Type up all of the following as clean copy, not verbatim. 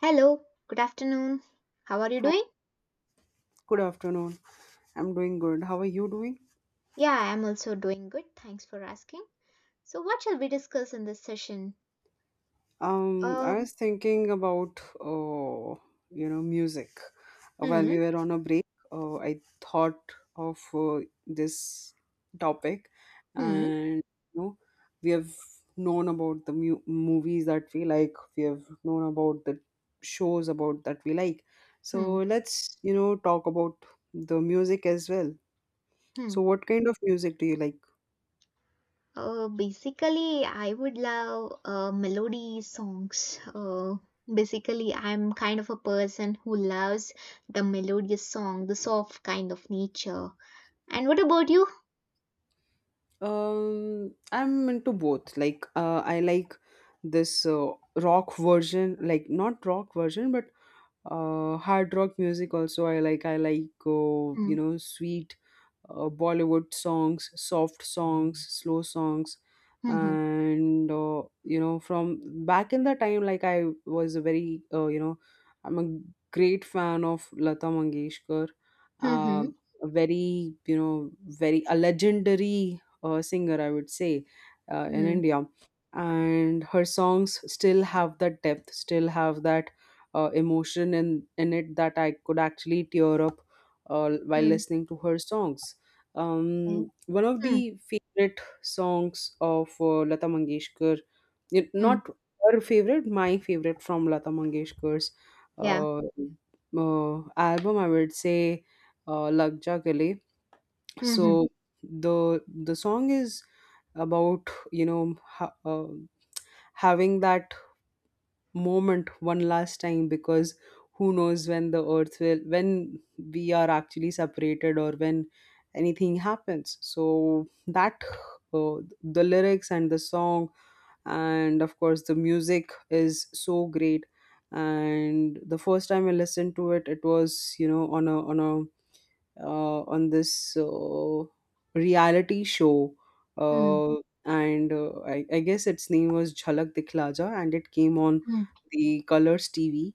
Hello, good afternoon. How are you Hi, doing? good afternoon. I'm doing good. How are you doing? Yeah, I am also doing good. Thanks for asking. So, what shall we discuss in this session? I Um, was thinking about you know, music. While hmm, we were on a break, I thought of this topic, hmm, and you know, we have known about the mu movies that we like. We have known about the shows about that we like. hmm, So let's, you know, talk about the music as well. hmm. So what kind of music do you like? Basically, I would love melody songs. Basically, I'm kind of a person who loves the melodious song, the soft kind of nature. And what about you? I'm into both. Like, I like this rock version, like not rock version, but hard rock music also. I like. I like, you Hmm, know, sweet Bollywood songs, soft songs, slow songs, hmm, hmm, and you know, from back in the time, like I was a very, you know, I'm a great fan of Lata Mangeshkar, uh, hmm, a very, you know, very a legendary singer, I would say, in hmm, India. And her songs still have that depth, still have that emotion in it that I could actually tear up while hmm, listening to her songs. hmm, okay, One of hmm, the favorite songs of Lata Mangeshkar, hmm, not her favorite, my favorite from Lata Mangeshkar's yeah, uh, album, I would say Lag Ja Gale. hmm, hmm, So the song is about, you know, having that moment one last time, because who knows when the earth will, when we are actually separated or when anything happens. So that, uh, the lyrics and the song, and of course the music is so great. And the first time I listened to it, it was, you know, on a on this reality show, hmm, uh, and I guess its name was Jhalak Dikhla Ja, and it came on hmm. the Colors TV.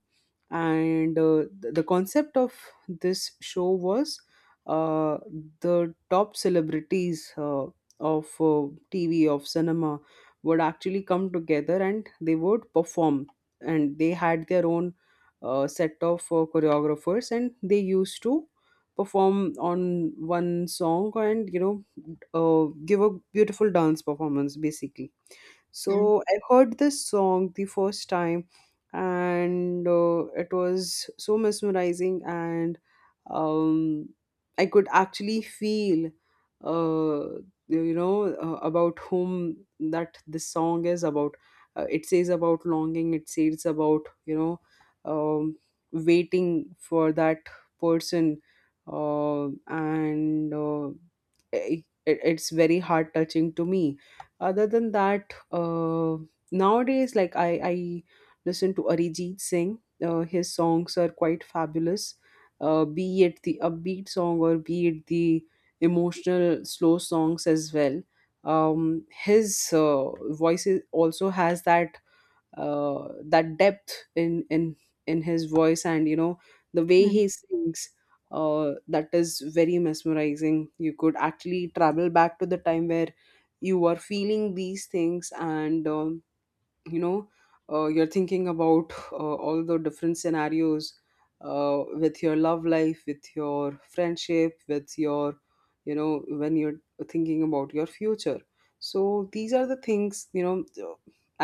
And the concept of this show was, uh, the top celebrities of TV, of cinema, would actually come together and they would perform. And they had their own set of choreographers, and they used to perform on one song, and you know, give a beautiful dance performance basically. Hmm. So I heard this song the first time, and it was so mesmerizing, and um, I could actually feel, uh, about whom that this song is about. It says about longing. It says about, you know, um, waiting for that person, uh, and uh, it, it- it's very heart touching to me. Other than that, nowadays, like I listen to Arijit Singh. His songs are quite fabulous. Be it the upbeat song or be it the emotional slow songs as well. His also has that that depth in his voice, and you know, the way Mm, he sings, that is very mesmerizing. You could actually travel back to the time where you were feeling these things, and you know, you're thinking about all the different scenarios, with your love life, with your friendship, with your, you know, when you're thinking about your future. So these are the things, you know,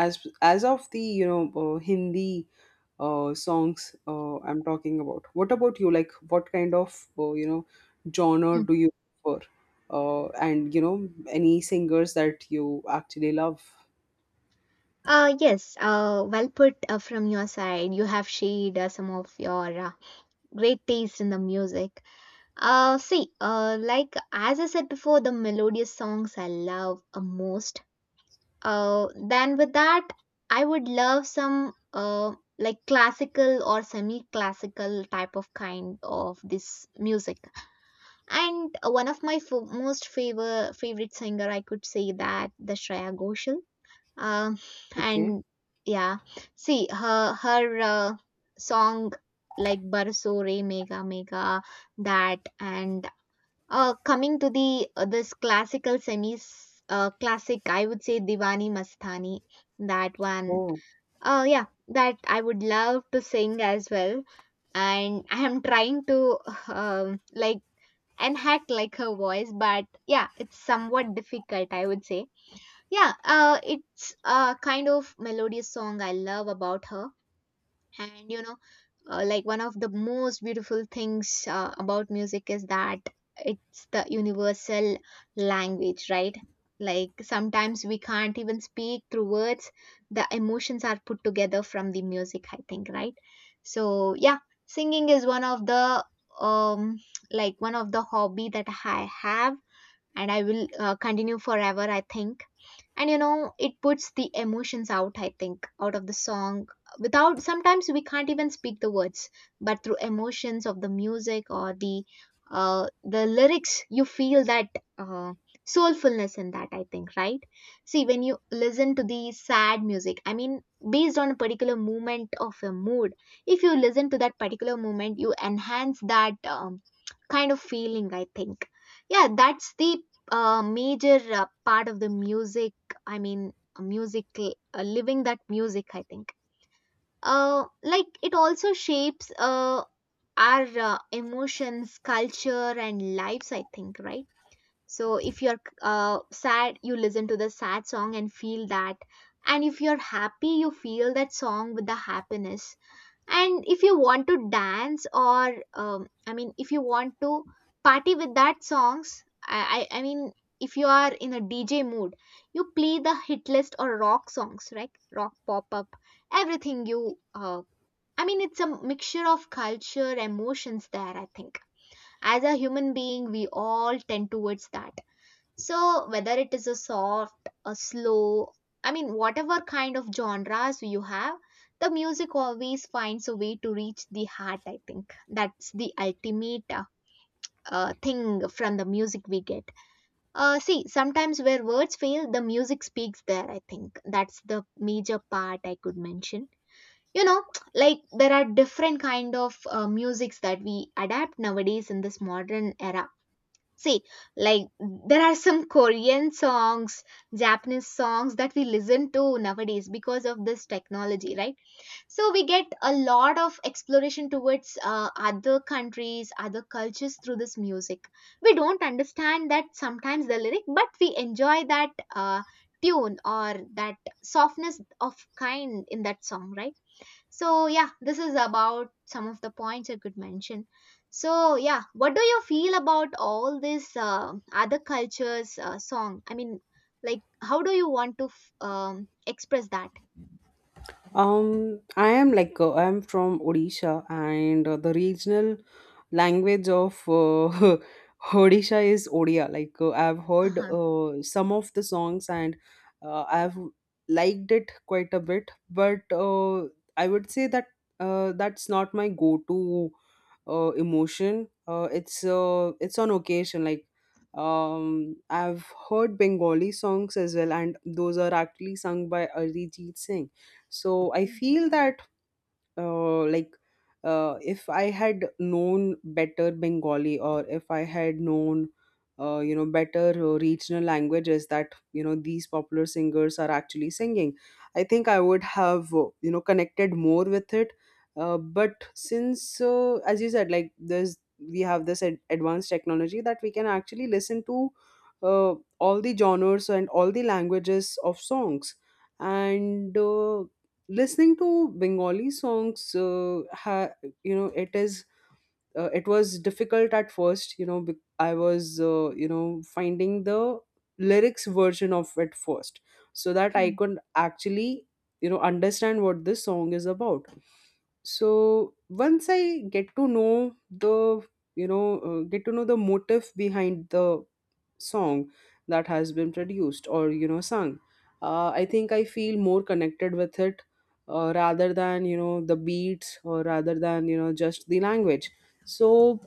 as of the, you know, Hindi songs I'm talking about. What about you? Like, what kind of, you know, genre mm. do you prefer, and you know, any singers that you actually love? Yes, well put from your side. You have shared some of your great taste in the music. See, like as I said before, the melodious songs I love most. Then with that, I would love some like classical or semi-classical type of kind of this music. And one of my most favorite singer, I could say that the Shreya Ghoshal. Um, Okay. and yeah, see her song like Barsore Mega Mega, that. And coming to the this classical semis classic, I would say Diwani Mastani, that one. Oh. Uh yeah, that I would love to sing as well, and I am trying to like and hack like her voice. But yeah, it's somewhat difficult, I would say. Yeah, it's a kind of melodious song I love about her. And you know, like one of the most beautiful things about music is that it's the universal language, right? Like sometimes we can't even speak through words. The emotions are put together from the music, I think, right? So yeah, singing is one of the um like one of the hobby that I have, and I will continue forever, I think. And you know, it puts the emotions out, I think, out of the song. Without, sometimes we can't even speak the words, but through emotions of the music or the lyrics, you feel that uh, soulfulness in that, I think, right? See, when you listen to the sad music, I mean, based on a particular moment of a mood, if you listen to that particular moment, you enhance that kind of feeling, I think. Yeah, that's the major part of the music. I mean, music, living that music, I think. Like it also shapes our emotions, culture, and lives, I think, right? So if you're sad, you listen to the sad song and feel that. And if you're happy, you feel that song with the happiness. And if you want to dance or I mean, if you want to party with that songs, I mean, if you are in a DJ mood, you play the hit list or rock songs, right? Rock, pop up, everything. You, I mean, it's a mixture of culture emotions there, I think. As a human being, we all tend towards that. So whether it is a soft, a slow, I mean whatever kind of genres you have, the music always finds a way to reach the heart, I think. That's the ultimate thing from the music we get. See, sometimes where words fail, the music speaks there, I think. That's the major part I could mention. You know, like there are different kind of musics that we adapt nowadays in this modern era. See, like there are some Korean songs, Japanese songs that we listen to nowadays because of this technology, right? So we get a lot of exploration towards other countries, other cultures through this music. We don't understand that sometimes the lyric, but we enjoy that tune or that softness of kind in that song, right? So yeah, this is about some of the points I could mention. So yeah, what do you feel about all this other cultures song? I mean, like how do you want to express that? I am like, I am from Odisha, and the regional language of Odisha is Odia. Like, I've heard Uh-huh. Some of the songs, and I've liked it quite a bit. But I would say that that's not my go-to emotion. It's on occasion. Like I've heard Bengali songs as well, and those are actually sung by Arijit Singh. So I feel that like if I had known better Bengali, or if I had known you know, better regional languages that, you know, these popular singers are actually singing, I think I would have, you know, connected more with it. But since, as you said, like there's, we have this advanced technology that we can actually listen to uh, all the genres and all the languages of songs. And listening to Bengali songs, you know, it is, it was difficult at first, you know, I was, you know, finding the lyrics version of it first so that I Hmm, could actually, you know, understand what this song is about. So once I get to know the, you know, get to know the motive behind the song that has been produced, or you know, sung, I think I feel more connected with it, rather than, you know, the beats, or rather than, you know, just the language. So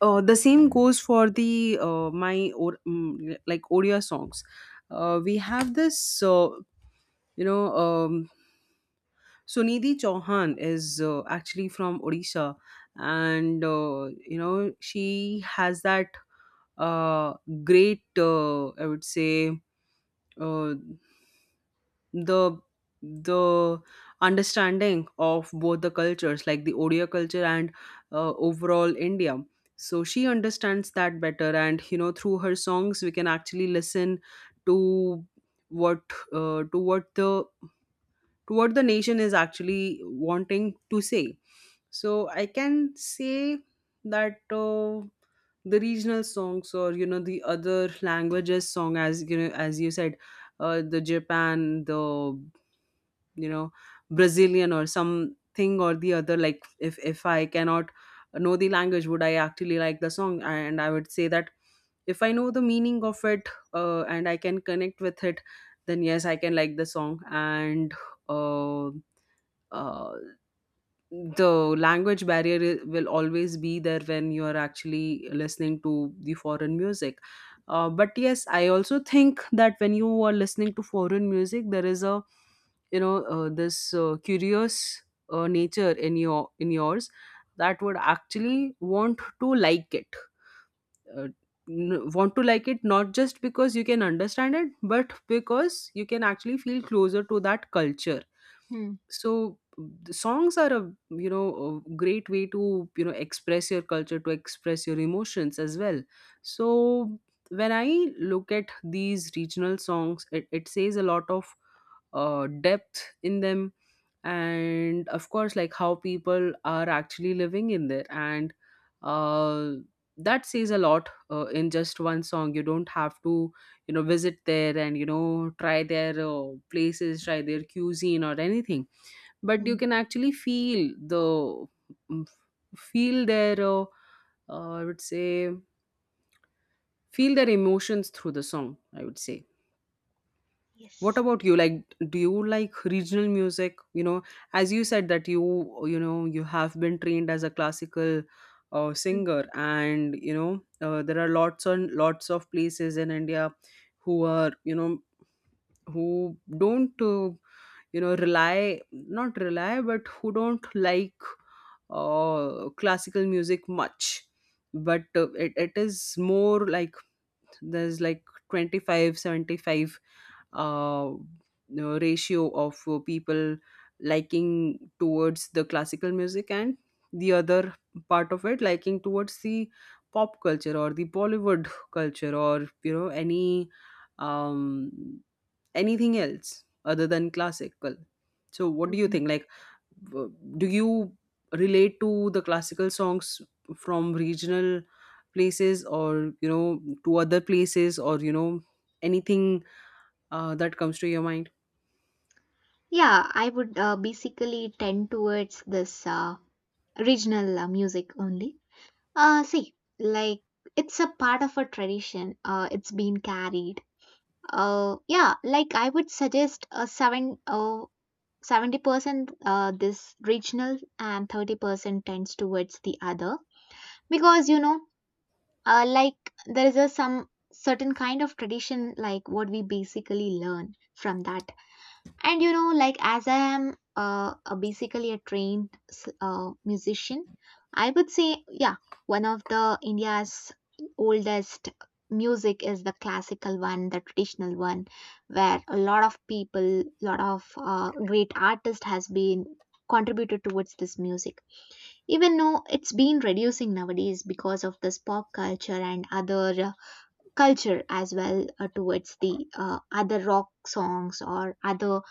the same goes for the, like Odia songs. We have this, you know, Sunidhi Chauhan is actually from Odisha. And you know, she has that uh, great I would say, uh, the the understanding of both the cultures, like the Odia culture and overall India. So she understands that better, and you know, through her songs we can actually listen to what, uh, to what the to what the nation is actually wanting to say. So I can say that the regional songs, or you know, the other languages song, as you know, as you said, the Japan, the, you know, Brazilian or something, or the other. Like, if I cannot know the language, would I actually like the song? And I would say that if I know the meaning of it, and I can connect with it, then yes, I can like the song. And uh, uh, the language barrier will always be there when you are actually listening to the foreign music. But yes, I also think that when you are listening to foreign music, there is a, you know, this curious nature in yours that would actually want to like it, uh, want to like it not just because you can understand it, but because you can actually feel closer to that culture. hmm, So the songs are a, you know, a great way to, you know, express your culture, to express your emotions as well. So when I look at these regional songs, it says a lot of depth in them, and of course, like how people are actually living in there. And uh, that says a lot, in just one song. You don't have to, you know, visit there and, you know, try their places, try their cuisine or anything, but hmm. you can actually feel the, mm, feel their I would say, feel their emotions through the song, I would say. What Yes. about you? Like, do you like regional music? You know, as you said that you know, you have been trained as a classical Hmm, singer, and you know, there are lots and lots of places in India who are, you know, who don't, you know, rely, but who don't like classical music much. But it is more like, there's like twenty five seventy five 75 uh, you know, ratio of people liking towards the classical music, and the other part of it liking towards the pop culture, or the Bollywood culture, or you know, any um anything else other than classical. So what hmm, do you hmm. think? Like, do you relate to the classical songs from regional places, or you know, to other places, or you know, anything that comes to your mind? Yeah, I would basically tend towards this regional music only. See, like it's a part of a tradition. It's been carried. Yeah, like I would suggest a 70% this regional and 30% tends towards the other. Because you know like there is a some certain kind of tradition, like what we basically learn from that. And you know, like as I am a basically a trained musician I would say. Yeah, one of the India's oldest music is the classical one, the traditional one, where a lot of people, lot of great artist has been contributed towards this music. Even though it's been reducing nowadays because of this pop culture and other culture as well, towards the other rock songs or other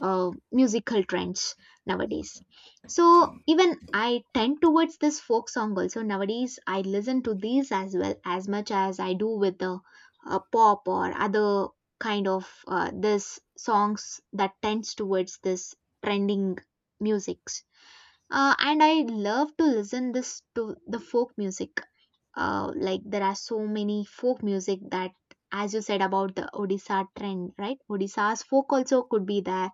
musical trends nowadays. So even I tend towards this folk song also nowadays. I listen to these as well as much as I do with the pop or other kind of this songs that tends towards this trending musics. And I love to listen this to the folk music. Like there are so many folk music that, as you said about the Odisha trend, right? Odisha's folk also could be there,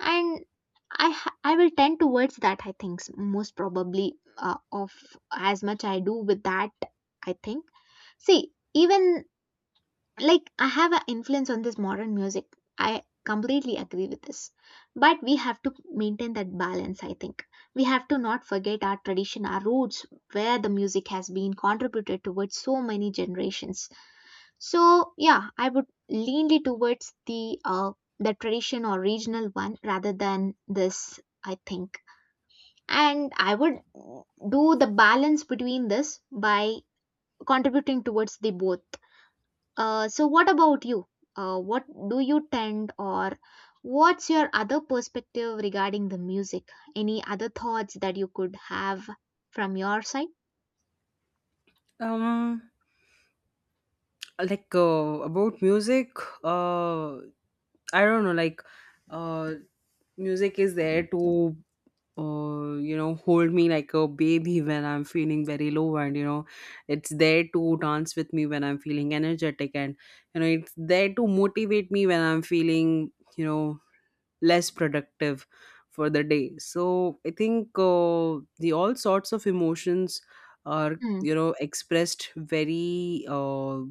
and I will tend towards that, I think. Most probably of as much I do with that, I think. See, even like I have an influence on this modern music. I completely agree with this, but we have to maintain that balance, I think. We have to not forget our tradition, our roots, where the music has been contributed towards so many generations. So yeah, I would leanly towards the tradition or regional one rather than this, I think. And I would do the balance between this by contributing towards the both. So what about you? What do you tend, or what's your other perspective regarding the music? Any other thoughts that you could have from your side? um like, about music, uh I don't know, like, uh music is there to, you know, hold me like a baby when I'm feeling very low, and you know, it's there to dance with me when I'm feeling energetic, and you know, it's there to motivate me when I'm feeling, you know, less productive for the day. So I think the all sorts of emotions are, Hmm. you know, expressed very.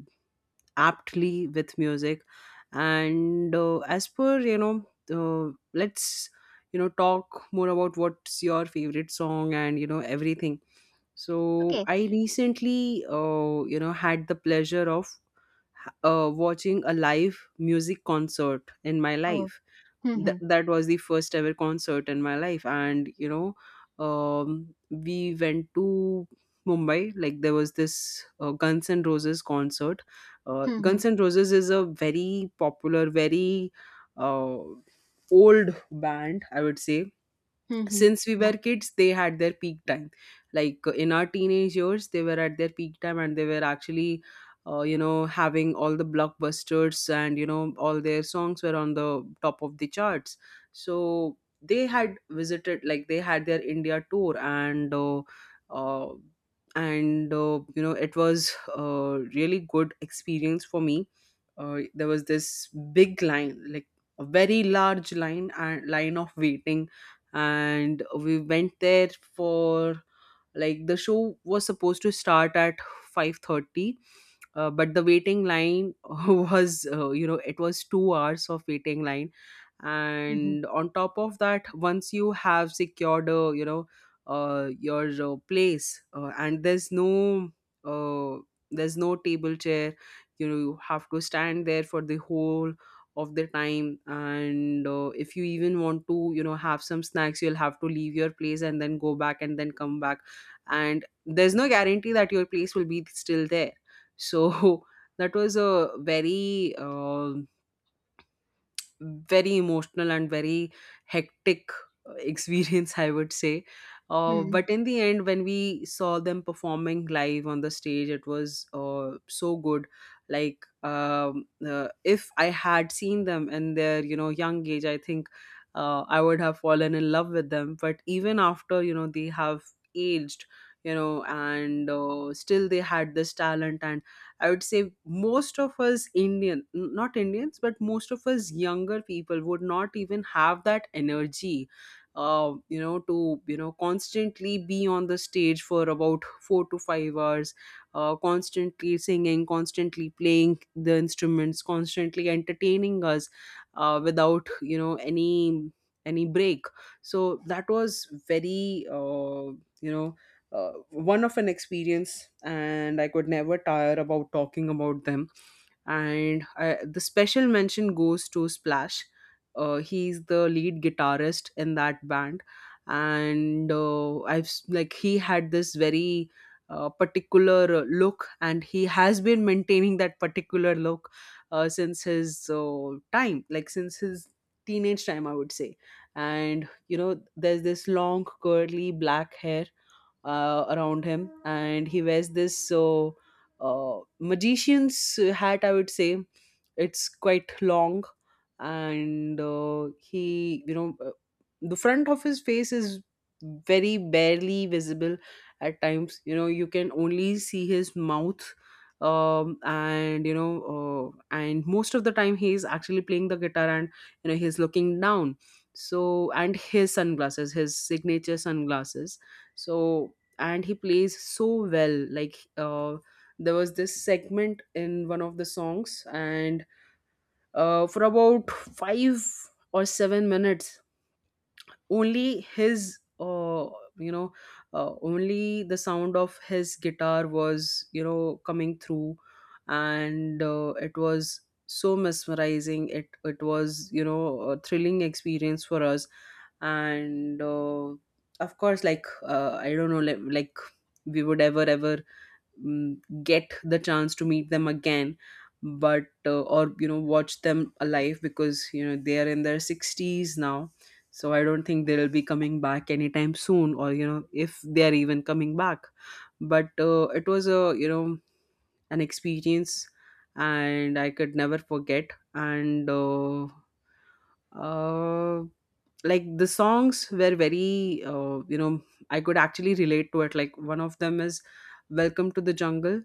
Aptly with music. And as per, let's, talk more about what's your favorite song, and everything. So Okay. I recently had the pleasure of watching a live music concert in my Oh. life. Hmm. Hmm. That was the first ever concert in my life, and we went to Mumbai. Like, there was this Guns N' Roses concert. Hmm. Hmm. Guns N' Roses is a very popular, very uh, old band, I would say. Hmm. Hmm. Since we Yeah. were kids they had their peak time. Like in our teenage years they were at their peak time, and they were actually having all the blockbusters, and all their songs were on the top of the charts. So they had visited, like they had their India tour, uh, and it was a really good experience for me. There was this big line, like a very large line, and line of waiting. And we went there for, like, the show was supposed to start at 5:30. But the waiting line was it was 2 hours of waiting line. Hmm. Hmm. And on top of that, once you have secured your place, and uh, there's no table chair. You have to stand there for the whole of the time. And if you even want to have some snacks, you'll have to leave your place and then go back and then come back, and there's no guarantee that your place will be still there. So that was a very, very emotional and very hectic, experience, I would say. Hmm, hmm. But in the end, when we saw them performing live on the stage, it was so good. Like, if I had seen them in their, young age, I think I would have fallen in love with them. But even after, they have aged, and still they had this talent. And I would say most of us Indian — not Indians, but most of us younger people would not even have that energy, to constantly be on the stage for about 4 to 5 hours, constantly singing, constantly playing the instruments, constantly entertaining us, without any break. So that was very, you know one of an experience, and I could never tire about talking about them. And the special mention goes to Splash. He's the lead guitarist in that band. And like he had this very particular look, and he has been maintaining that particular look since his time, like since his teenage time, I would say. And there's this long curly black hair around him. And he wears this, magician's hat, I would say. It's quite long. And he you know the front of his face is very barely visible. At times, you can only see his mouth. Um and you know uh, and most of the time he is actually playing the guitar, and he's looking down. So, and his sunglasses, his signature sunglasses. So, and he plays so well. Like there was this segment in one of the songs, and for about 5 or 7 minutes only his uh, you know only the sound of his guitar was coming through. And it was so mesmerizing. It was a thrilling experience for us. And of course, like I don't know, like we would ever get the chance to meet them again. But Or watch them alive, because they are in their 60s now. So I don't think they'll be coming back anytime soon, or if they are even coming back. But It was a, an experience, and I could never forget. And uh, like, the songs were very, I could actually relate to it. Like, one of them is Welcome to the Jungle.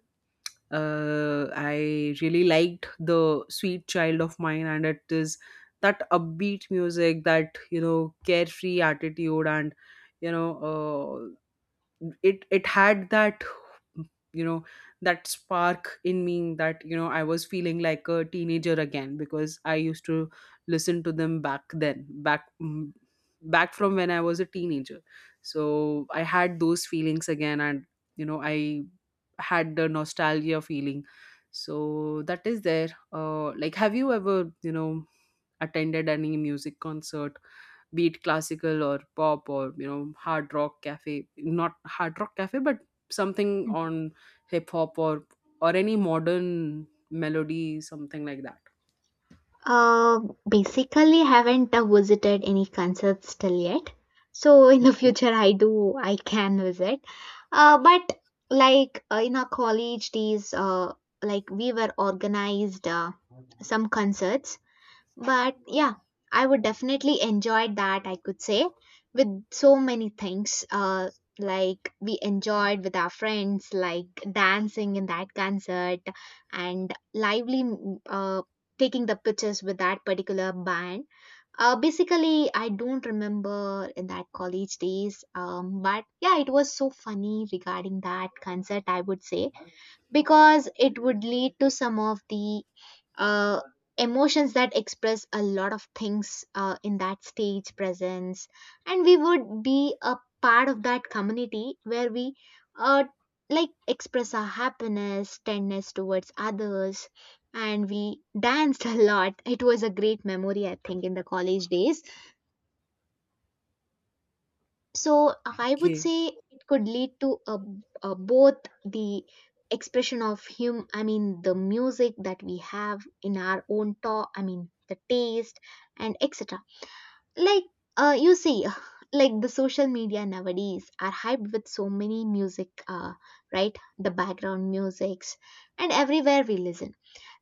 I really liked the Sweet Child of Mine, and it is that upbeat music, that carefree attitude, and you know uh, it had that, you know that spark in me, that I was feeling like a teenager again, because I used to listen to them back then, back from when I was a teenager. So I had those feelings again, and I had the nostalgia feeling. So that is there. Like, have you ever, attended any music concert, be it classical or pop, or Hard Rock Cafe — not Hard Rock Cafe — but something on hip hop, or any modern melody, something like that. Uh, Basically, haven't visited any concerts till yet. So in the Okay, future, I can visit. But like in our college days, like we were organized some concerts, but yeah, I would definitely enjoy that, I could say, with so many things. Like we enjoyed with our friends, like dancing in that concert, and lively taking the pictures with that particular band. Basically, I don't remember in that college days, but yeah, it was so funny regarding that concert, I would say, because it would lead to some of the uh, emotions that express a lot of things in that stage presence. And we would be a part of that community where we uh, like express our happiness, tenderness towards others. And we danced a lot. It was a great memory, I think, in the college days. So I would okay. say it could lead to a both the expression of hum, I mean the music that we have in our own talk, I mean the taste and etc. Like you see like the social media nowadays are hyped with so many music, right, the background musics, and everywhere we listen.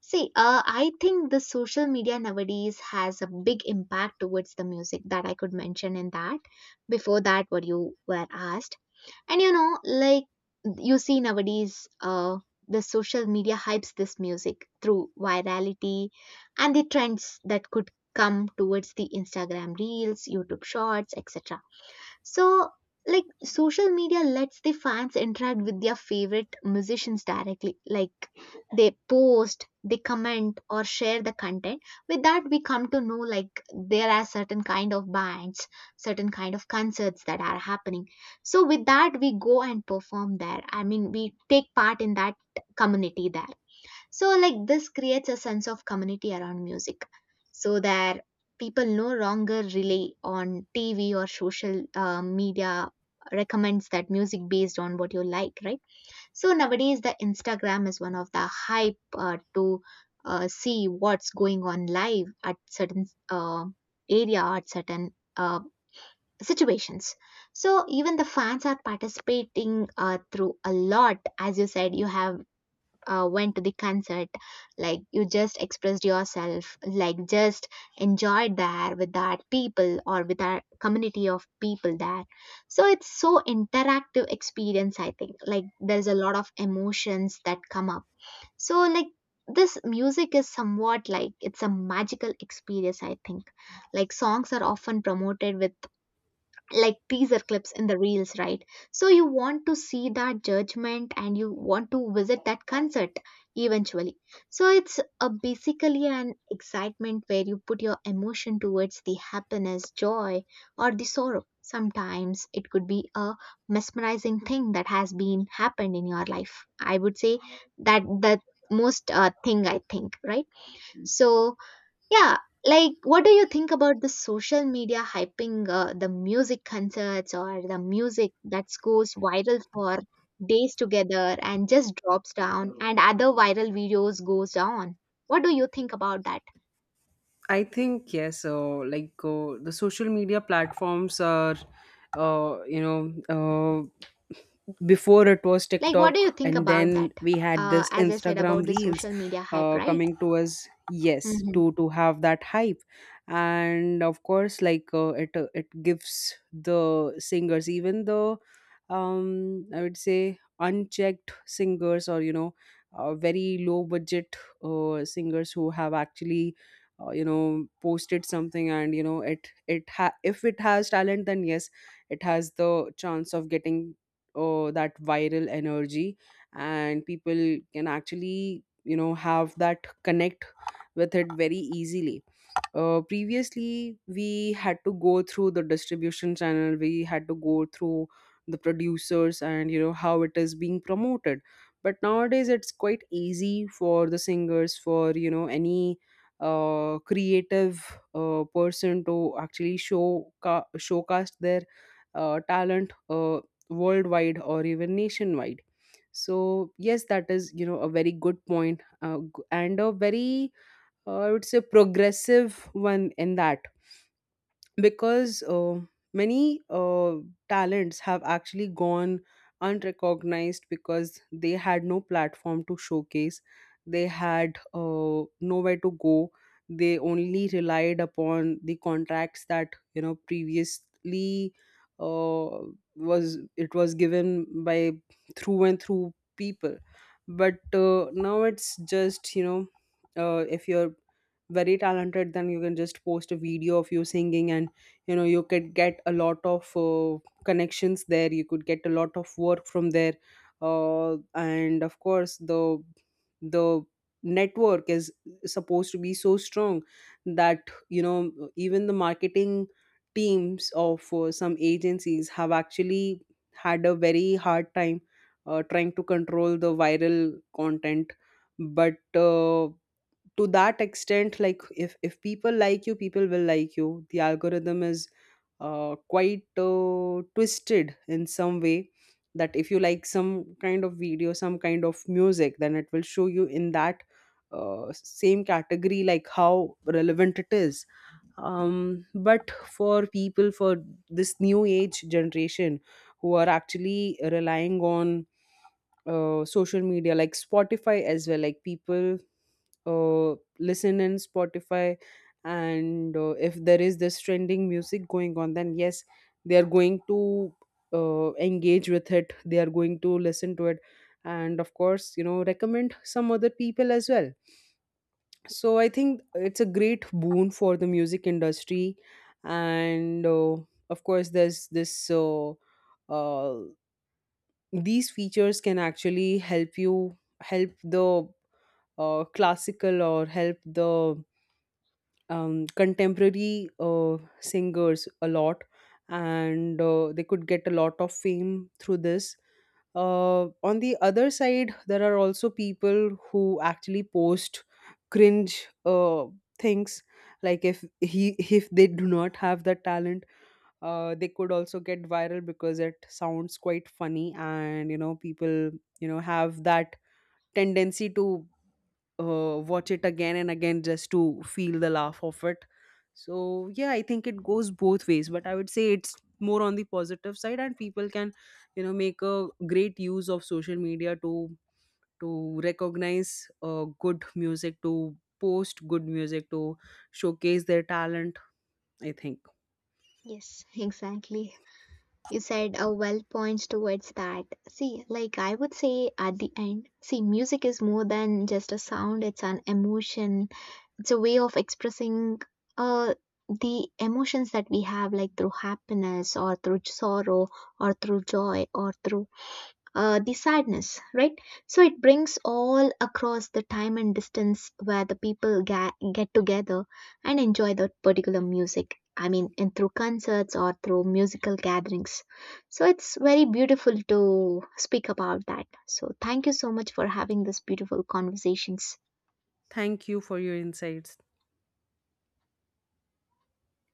See I think the social media nowadays has a big impact towards the music that I could mention in that before that what you were asked. And you know, like you see nowadays, the social media hypes this music through virality and the trends that could come towards the Instagram reels, YouTube shorts, etc. So, like, social media lets the fans interact with their favorite musicians directly. Like, they post, they comment, or share the content. With that, we come to know like there are certain kind of bands, certain kind of concerts that are happening. So, with that, we go and perform there. I mean, we take part in that community there. So, like, this creates a sense of community around music so that people no longer rely on TV or social media recommends that music based on what you like, right? So, nowadays, the Instagram is one of the hype to see what's going on live at certain area or at certain situations. So, even the fans are participating through a lot. As you said, you have went to the concert, like you just expressed yourself, like just enjoyed there with that people or with our community of people there. So it's so interactive experience, I think. Like there's a lot of emotions that come up. So like this music is somewhat like it's a magical experience, I think. Like songs are often promoted with like teaser clips in the reels, right? So you want to see that judgment and you want to visit that concert eventually. So it's a basically an excitement where you put your emotion towards the happiness, joy, or the sorrow. Sometimes it could be a mesmerizing thing that has been happened in your life. I would say that the most thing, I think, right? So yeah, like what do you think about the social media hyping the music concerts or the music that goes viral for days together and just drops down and other viral videos goes on? What do you think about that? I think yes. So, like, the social media platforms are, uh, you know uh, before it was Like what do you TikTok, think and about then that? we had this As I said about Instagram the Reels social media hype, right? coming to us. Yes, Mm-hmm. to have that hype. And of course, like it gives the singers, even the, I would say, unchecked singers, or very low budget singers who have actually posted something, and if it has talent, then yes, it has the chance of getting that viral energy, and people can actually, have that connect with it very easily. Previously we had to go through the distribution channel, we had to go through the producers and how it is being promoted. But nowadays it's quite easy for the singers, for any creative person to actually showcast their talent, worldwide or even nationwide. So yes, that is, a very good point, and a very, I would say, progressive one in that. Because many talents have actually gone unrecognized, because they had no platform to showcase. They had nowhere to go. They only relied upon the contracts that, previously, uh, was it was given by, through and through people. But now it's just, if you're very talented, then you can just post a video of you singing, and you could get a lot of connections there, you could get a lot of work from there. And of course, the network is supposed to be so strong, that even the marketing teams of some agencies have actually had a very hard time trying to control the viral content. But to that extent, like, if people like you, people will like you. The algorithm is quite twisted in some way, that if you like some kind of video, some kind of music, then it will show you in that same category, like how relevant it is. But for people, for this new age generation who are actually relying on social media like Spotify as well, like people listen in Spotify. And if there is this trending music going on, then yes, they are going to engage with it, they are going to listen to it, and of course, recommend some other people as well. So I think it's a great boon for the music industry. And of course, there's this uh, these features can actually help the classical, or help the, contemporary singers a lot. And they could get a lot of fame through this. On the other side, there are also people who actually post cringe, things. Like, if they do not have the talent, they could also get viral because it sounds quite funny, and people, have that tendency to watch it again and again, just to feel the laugh of it. So yeah, I think it goes both ways, but I would say it's more on the positive side, and people can, make a great use of social media to recognize good music, to post good music, to showcase their talent. I think. Yes, exactly. You said a well points towards that. See, like I would say at the end, see, music is more than just a sound, it's an emotion, it's a way of expressing uh, the emotions that we have like through happiness or through sorrow or through joy or through the sadness, right? So it brings all across the time and distance where the people get together and enjoy that particular music, I mean, and through concerts or through musical gatherings. So it's very beautiful to speak about that. So thank you so much for having this beautiful conversations. Thank you for your insights.